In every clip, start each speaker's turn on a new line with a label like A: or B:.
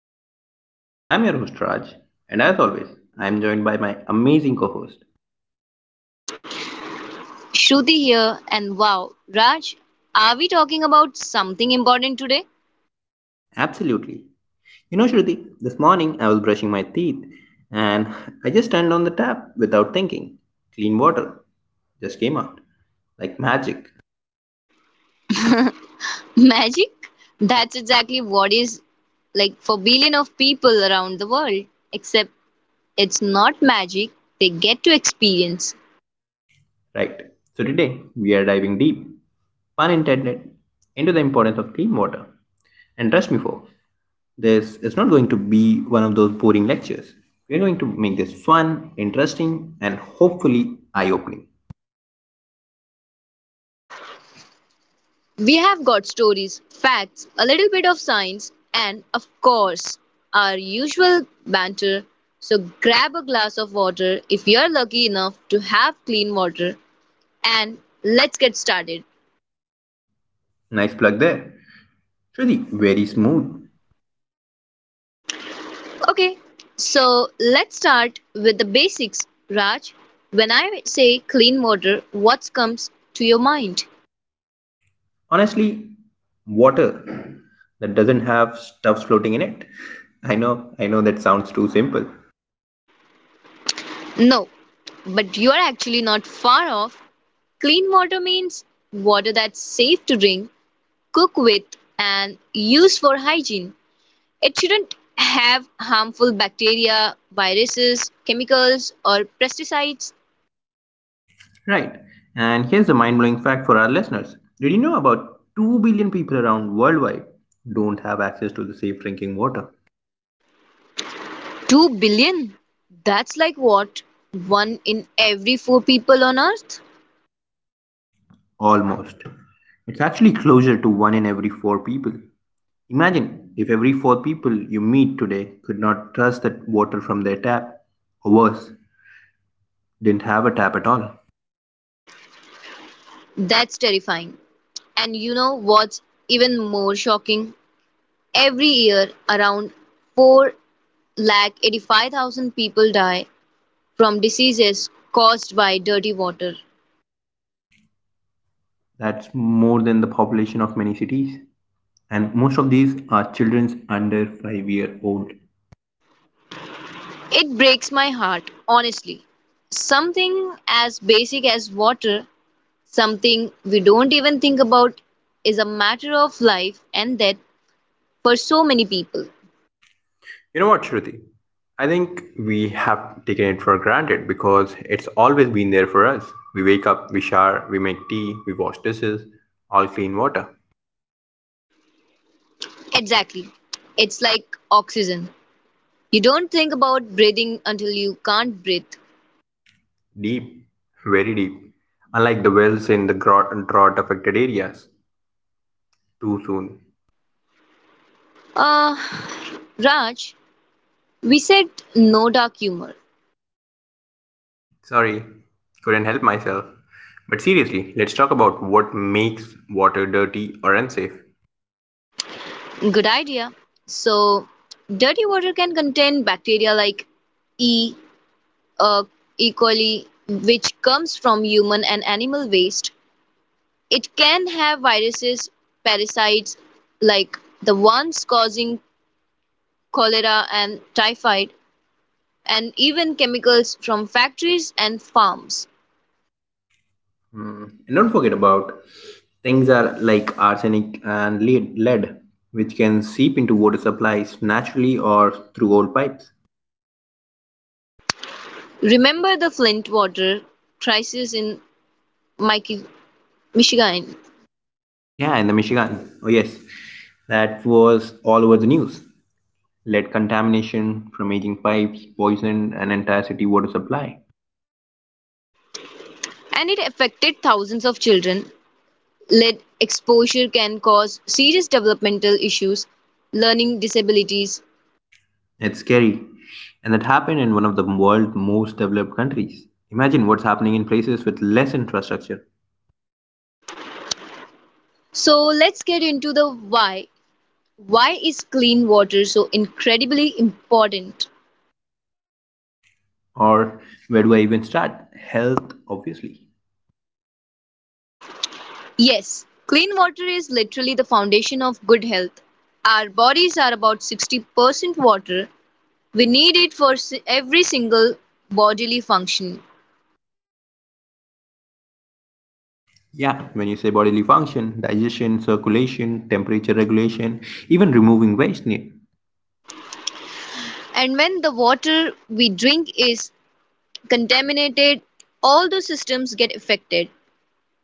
A: Drops of Life. I'm your host Raj, and as always, I'm joined by my amazing co-host.
B: Shruti here, and wow, Raj, are we talking about something important today?
A: Absolutely. You know Shruti, this morning I was brushing my teeth and I just turned on the tap without thinking. Clean water just came out like magic.
B: Magic? That's exactly what is like for billion of people around the world, except it's not magic they get to experience.
A: Right, so today we are diving deep, pun intended, into the importance of clean water. And trust me, folks, this is not going to be one of those boring lectures. We are going to make this fun, interesting, and hopefully eye opening.
B: We have got stories, facts, a little bit of science, and of course, our usual banter. So grab a glass of water if you're lucky enough to have clean water, and let's get started.
A: Nice plug there. Shruti, very smooth.
B: Okay, so let's start with the basics. Raj, when I say clean water, what comes to your mind?
A: Honestly, water that doesn't have stuff floating in it. I know that sounds too simple.
B: No, but you are actually not far off. Clean water means water that's safe to drink, cook with, and use for hygiene. It shouldn't have harmful bacteria, viruses, chemicals, or pesticides.
A: Right. And here's a mind blowing fact for our listeners. Did you know about 2 billion people around worldwide don't have access to the safe drinking water?
B: 2 billion? That's like what? One in every four people on earth?
A: Almost. It's actually closer to 1 in every 4 people. Imagine if every 4 people you meet today could not trust that water from their tap, or worse, didn't have a tap at all.
B: That's terrifying. And you know what's even more shocking? Every year, around 485,000 people die from diseases caused by dirty water.
A: That's more than the population of many cities. And most of these are children under 5-year-old.
B: It breaks my heart, honestly. Something as basic as water, something we don't even think about, is a matter of life and death for so many people.
A: You know what, Shruti? I think we have taken it for granted because it's always been there for us. We wake up, we shower, we make tea, we wash dishes, all clean water.
B: Exactly. It's like oxygen. You don't think about breathing until you can't breathe.
A: Deep, very deep. Unlike the wells in the drought affected areas. Too soon.
B: Uh, Raj, we said no dark humor.
A: Sorry, couldn't help myself. But seriously, let's talk about what makes water dirty or unsafe.
B: Good idea. So, dirty water can contain bacteria like E. Uh, e. coli, which comes from human and animal waste. It can have viruses, parasites like the ones causing cholera and typhoid, and even chemicals from factories and farms.
A: Mm. And don't forget about things are like arsenic and lead, which can seep into water supplies naturally or through old pipes.
B: Remember the Flint water crisis in Michi- Michigan?
A: Yeah, in the Michigan. Oh yes, that was all over the news. Lead contamination from aging pipes poisoned an entire city water supply.
B: And it affected thousands of children. Lead exposure can cause serious developmental issues, learning disabilities.
A: It's scary, and that happened in one of the world's most developed countries. Imagine what's happening in places with less infrastructure.
B: So let's get into the why. Why is clean water so incredibly important?
A: Or where do I even start? Health, obviously.
B: Yes, clean water is literally the foundation of good health. Our bodies are about 60% water. We need it for every single bodily function.
A: Yeah, when you say bodily function, digestion, circulation, temperature regulation, even removing waste,
B: And when the water we drink is contaminated, all those systems get affected.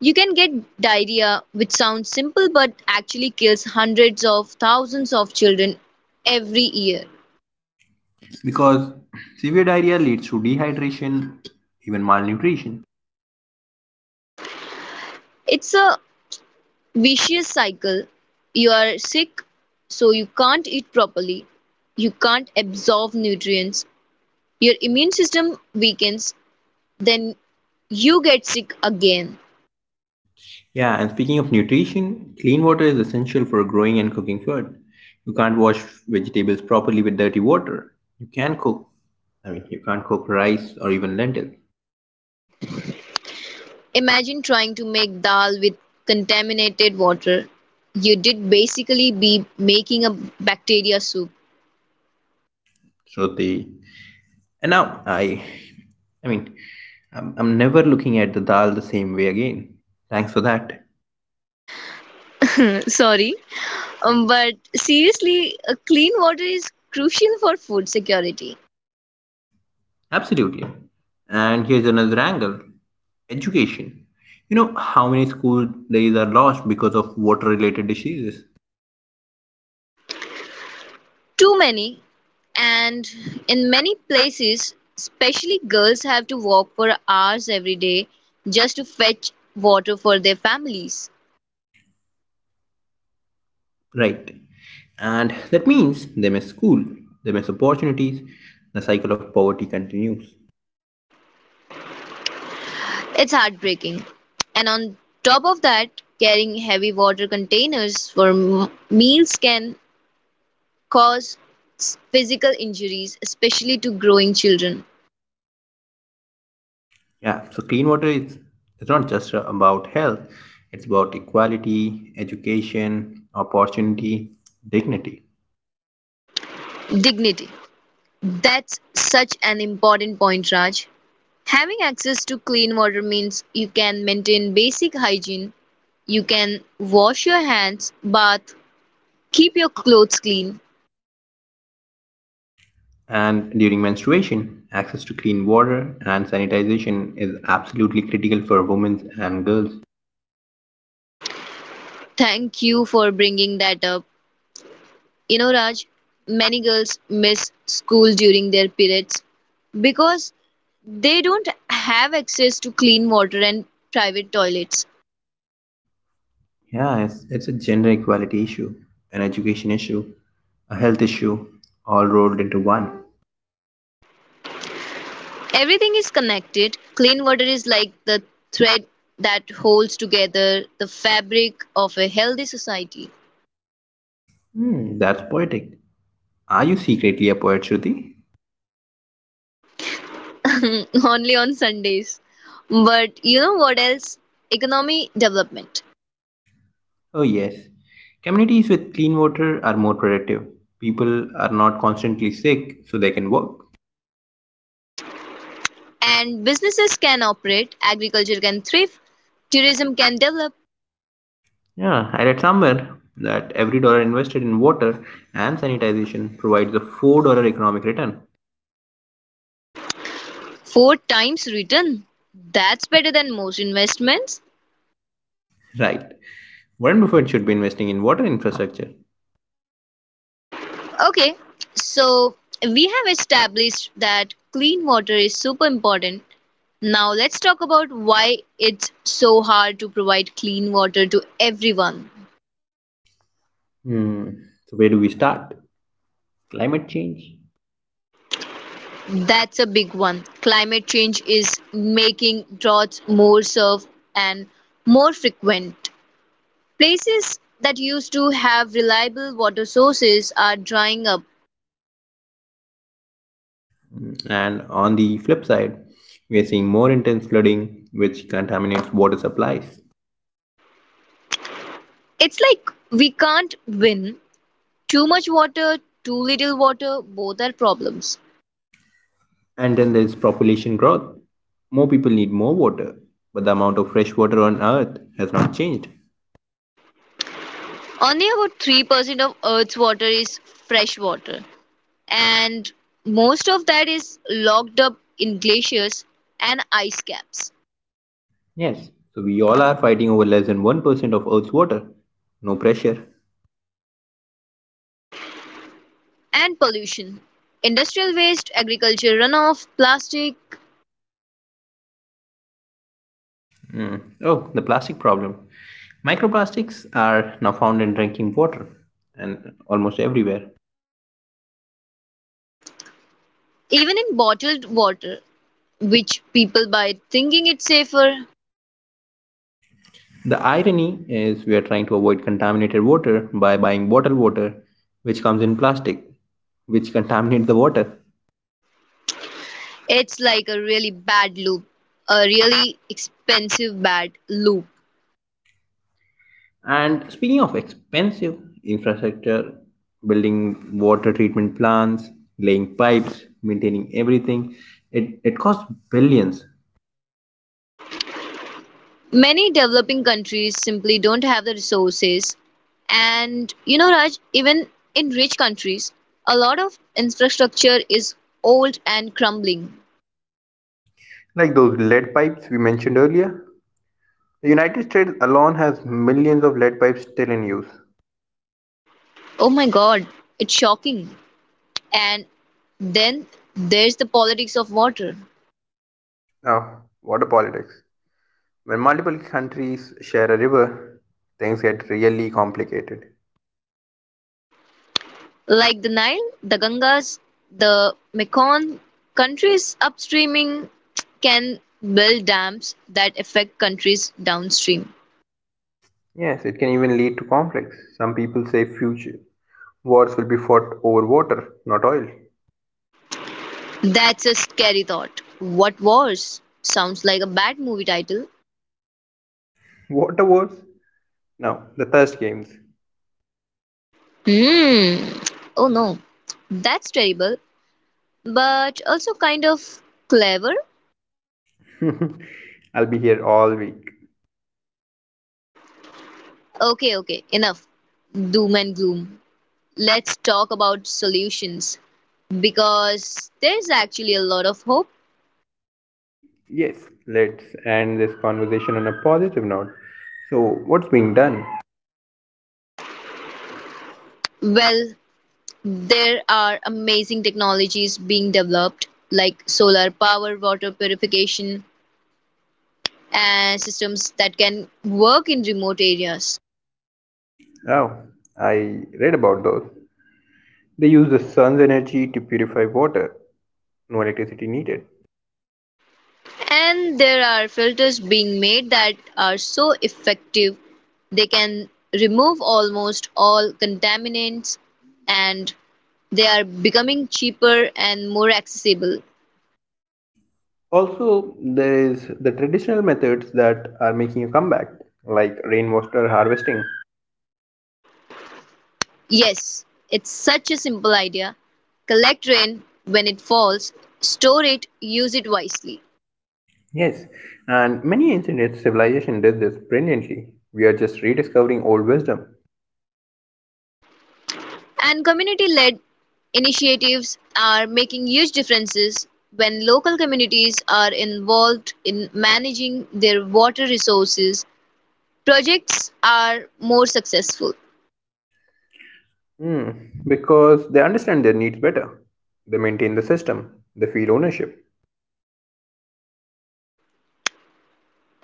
B: You can get diarrhea, which sounds simple but actually kills hundreds of thousands of children every year.
A: because severe diarrhea leads to dehydration, even malnutrition.
B: It's a vicious cycle. You are sick, so you can't eat properly, you can't absorb nutrients, your immune system weakens, then you get sick again.
A: Yeah, and speaking of nutrition, clean water is essential for growing and cooking food. You can't wash vegetables properly with dirty water. You can cook, I mean, you can't cook rice or even lentils.
B: Imagine trying to make dal with contaminated water. You did basically be making a bacteria soup.
A: So the and now I mean, I'm never looking at the dal the same way again. Thanks for that.
B: Sorry. But seriously, clean water is crucial for food security.
A: Absolutely. And here's another angle education. You know how many school days are lost because of water related diseases?
B: Too many, and in many places, especially girls have to walk for hours every day just to fetch water for their families.
A: Right. And that means they miss school, they miss opportunities, the cycle of poverty continues.
B: It's heartbreaking. And on top of that, carrying heavy water containers for meals can cause physical injuries, especially to growing children.
A: Yeah, so clean water is it's not just about health, it's about equality, education, opportunity, dignity.
B: Dignity. That's such an important point, Raj. Having access to clean water means you can maintain basic hygiene, you can wash your hands, bath, keep your clothes clean.
A: And during menstruation, access to clean water and sanitization is absolutely critical for women and girls.
B: Thank you for bringing that up. You know, Raj, many girls miss school during their periods because they don't have access to clean water and private toilets.
A: Yeah, it's a gender equality issue, an education issue, a health issue, all rolled into one.
B: Everything is connected. Clean water is like the thread that holds together the fabric of a healthy society.
A: Hmm, that's poetic. Are you secretly a poet, Shruti?
B: Only on Sundays. But you know what else? Economy development.
A: Oh, yes. Communities with clean water are more productive. People are not constantly sick, so they can work.
B: And businesses can operate, agriculture can thrive, tourism can develop.
A: Yeah, I read somewhere that every dollar invested in water and sanitization provides a $4 economic return.
B: Four times return? That's better than most investments.
A: Right. Warren Buffett should be investing in water infrastructure.
B: Okay, so we have established that clean water is super important. Now let's talk about why it's so hard to provide clean water to everyone.
A: Hmm. So, where do we start? Climate change.
B: That's a big one. Climate change is making droughts more severe and more frequent. Places that used to have reliable water sources are drying up.
A: And on the flip side, we are seeing more intense flooding, which contaminates water supplies.
B: It's like we can't win. Too much water, too little water, both are problems.
A: And then there's population growth. More people need more water, but the amount of fresh water on Earth has not changed.
B: Only about 3% of Earth's water is fresh water, and most of that is locked up in glaciers and ice caps.
A: Yes. So we all are fighting over less than 1% of Earth's water. No pressure.
B: And pollution, industrial waste, agriculture runoff, plastic,
A: Oh, the plastic problem. Microplastics are now found in drinking water and almost everywhere.
B: even in bottled water, which people buy thinking it's safer.
A: The irony is we are trying to avoid contaminated water by buying bottled water which comes in plastic which contaminates the water.
B: It's like a really bad loop, a really expensive bad loop.
A: And speaking of expensive infrastructure, building water treatment plants, laying pipes, maintaining everything, it costs billions
B: Many developing countries simply don't have the resources. And you know, Raj, even in rich countries, a lot of infrastructure is old and crumbling.
A: like those lead pipes we mentioned earlier. The United States alone has millions of lead pipes still in use.
B: Oh my God, it's shocking. And then there's the politics of water.
A: Now, water politics. When multiple countries share a river, things get really complicated.
B: Like the Nile, the Gangas, the Mekong, countries upstreaming can build dams that affect countries downstream.
A: Yes, it can even lead to conflicts. Some people say future wars will be fought over water, not oil.
B: That's a scary thought. What was? Sounds like a bad movie title.
A: Water wars? No, the thirst games.
B: Hmm. Oh no. That's terrible, but also kind of clever.
A: I'll be here all week.
B: Okay, okay, enough. Doom and gloom. Let's talk about solutions because there's actually a lot of hope.
A: Yes, let's end this conversation on a positive note. So, what's being done?
B: Well, there are amazing technologies being developed like solar power, water purification, and systems that can work in remote areas.
A: Oh, I read about those. They use the sun's energy to purify water. No electricity needed.
B: And there are filters being made that are so effective they can remove almost all contaminants and they are becoming cheaper and more accessible.
A: Also, there is the traditional methods that are making a comeback, like rainwater harvesting.
B: Yes, it's such a simple idea. Collect rain when it falls, store it, use it wisely.
A: Yes, and many ancient civilizations did this brilliantly. We are just rediscovering old wisdom.
B: And community led initiatives are making huge differences when local communities are involved in managing their water resources projects are more successful.
A: Hmm, because they understand their needs better. They maintain the system. They feel ownership.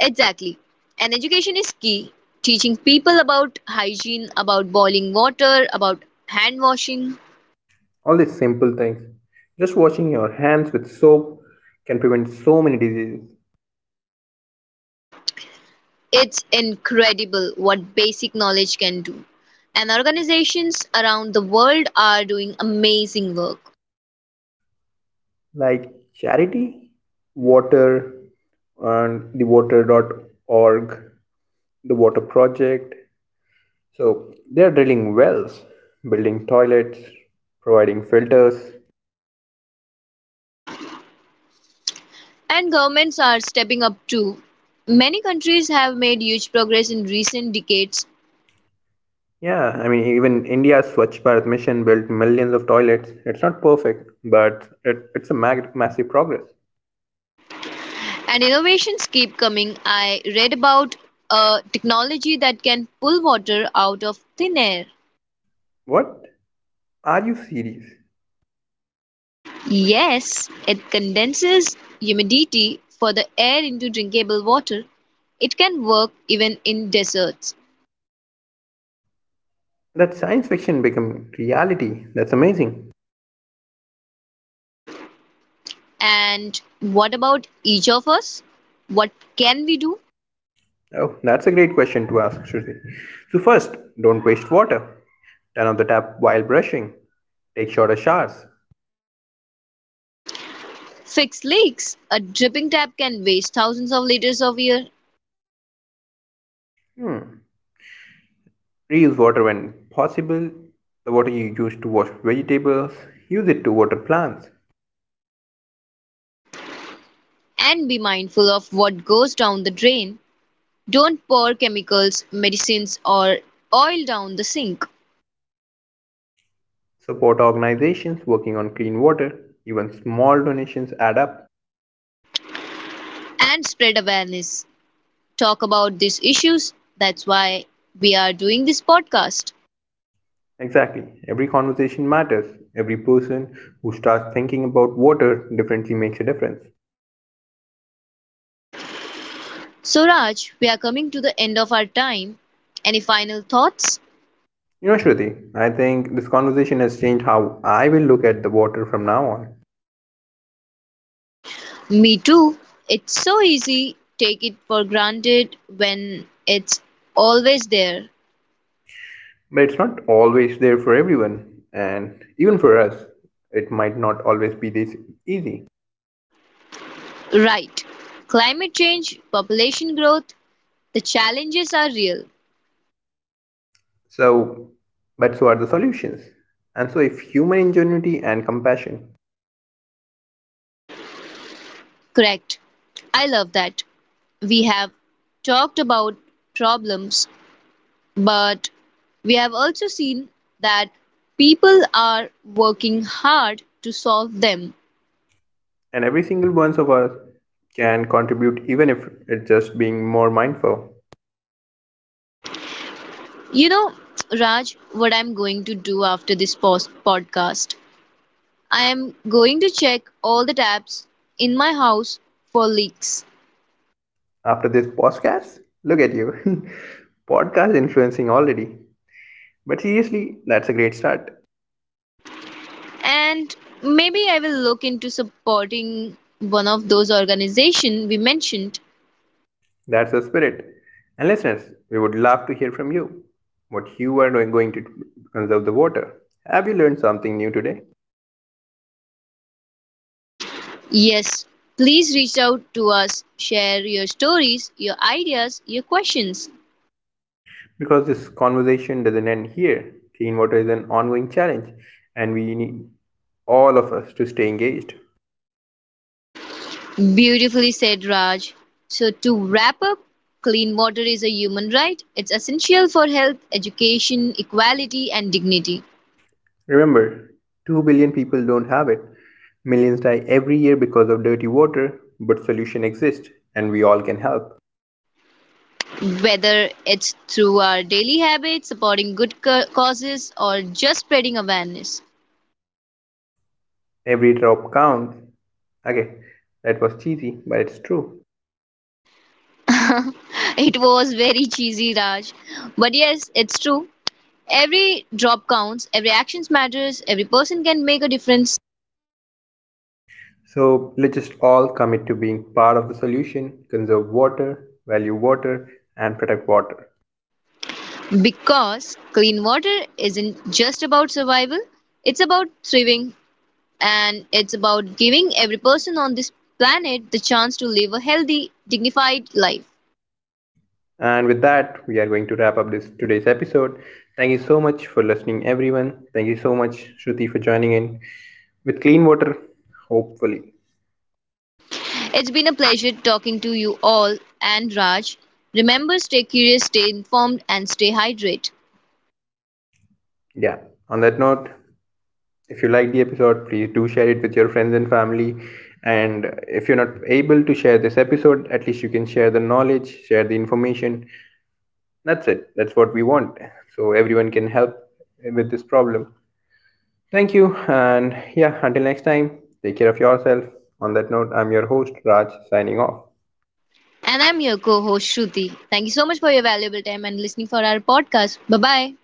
B: Exactly. And education is key. Teaching people about hygiene, about boiling water, about hand washing.
A: All these simple things. Just washing your hands with soap can prevent so many diseases
B: It's incredible what basic knowledge can do. And organizations around the world are doing amazing work.
A: like charity, water, and the water.org, the water project. So they are drilling wells, building toilets, providing filters.
B: And governments are stepping up too. Many countries have made huge progress in recent decades.
A: Yeah, I mean, even India's Swachh Bharat mission built millions of toilets. It's not perfect, but it's a massive progress.
B: And innovations keep coming. I read about a technology that can pull water out of thin air.
A: What? Are you serious?
B: Yes, it condenses humidity for the air into drinkable water. It can work even in deserts.
A: That science fiction become reality. That's amazing.
B: And what about each of us? What can we do?
A: Oh, that's a great question to ask, Shruti. So first, don't waste water. Turn off the tap while brushing. Take shorter showers.
B: Fix leaks. A dripping tap can waste thousands of liters of air.
A: Reuse water when possible. The water you use to wash vegetables, use it to water plants.
B: And be mindful of what goes down the drain. Don't pour chemicals, medicines, or oil down the sink.
A: Support organizations working on clean water. Even small donations add up.
B: And spread awareness. Talk about these issues. That's why we are doing this podcast.
A: Exactly. Every conversation matters. Every person who starts thinking about water differently makes a difference.
B: So, Raj, we are coming to the end of our time. Any final thoughts?
A: You know, Shruti, I think this conversation has changed how I will look at the water from now on.
B: Me too. It's so easy. Take it for granted when it's always there.
A: But it's not always there for everyone, and even for us, it might not always be this easy.
B: Right. Climate change, population growth, the challenges are real.
A: So, but so are the solutions. And so, if human ingenuity and compassion,
B: Correct. I love that. We have talked about problems, but we have also seen that people are working hard to solve them.
A: and every single one of us can contribute, even if it's just being more mindful.
B: You know, Raj, what I'm going to do after this podcast? I am going to check all the taps in my house for leaks.
A: After this podcast, look at you. podcast influencing already. But seriously, that's a great start.
B: And maybe I will look into supporting one of those organizations we mentioned.
A: That's the spirit. And listeners, we would love to hear from you what you are doing going to conserve the water. Have you learned something new today?
B: Yes, please reach out to us. Share your stories, your ideas, your questions.
A: Because this conversation doesn't end here. Clean water is an ongoing challenge, and we need all of us to stay engaged.
B: Beautifully said, Raj. So, to wrap up, clean water is a human right. It's essential for health, education, equality, and dignity.
A: Remember, 2 billion people don't have it. Millions die every year because of dirty water, but solution exists, and we all can help.
B: Whether it's through our daily habits, supporting good causes, or just spreading awareness.
A: Every drop counts. Okay, that was cheesy, but it's true.
B: It was very cheesy, Raj. But yes, it's true. Every drop counts, every action matters, every person can make a difference.
A: So let's just all commit to being part of the solution, conserve water, value water, and protect water.
B: Because clean water isn't just about survival, it's about thriving and it's about giving every person on this planet the chance to live a healthy, dignified life.
A: And with that, we are going to wrap up this today's episode. Thank you so much for listening, everyone. Thank you so much, Shruti, for joining in with clean water. Hopefully,
B: It's been a pleasure talking to you all and Raj. Remember, stay curious, stay informed, and stay hydrated.
A: yeah. On that note, if you like the episode, please do share it with your friends and family. And if you're not able to share this episode, at least you can share the knowledge, share the information. That's it. That's what we want. So everyone can help with this problem. Thank you. And yeah, until next time, take care of yourself. On that note, I'm your host, Raj, signing off.
B: And I'm your co host Shruti. Thank you so much for your valuable time and listening for our podcast. Bye bye.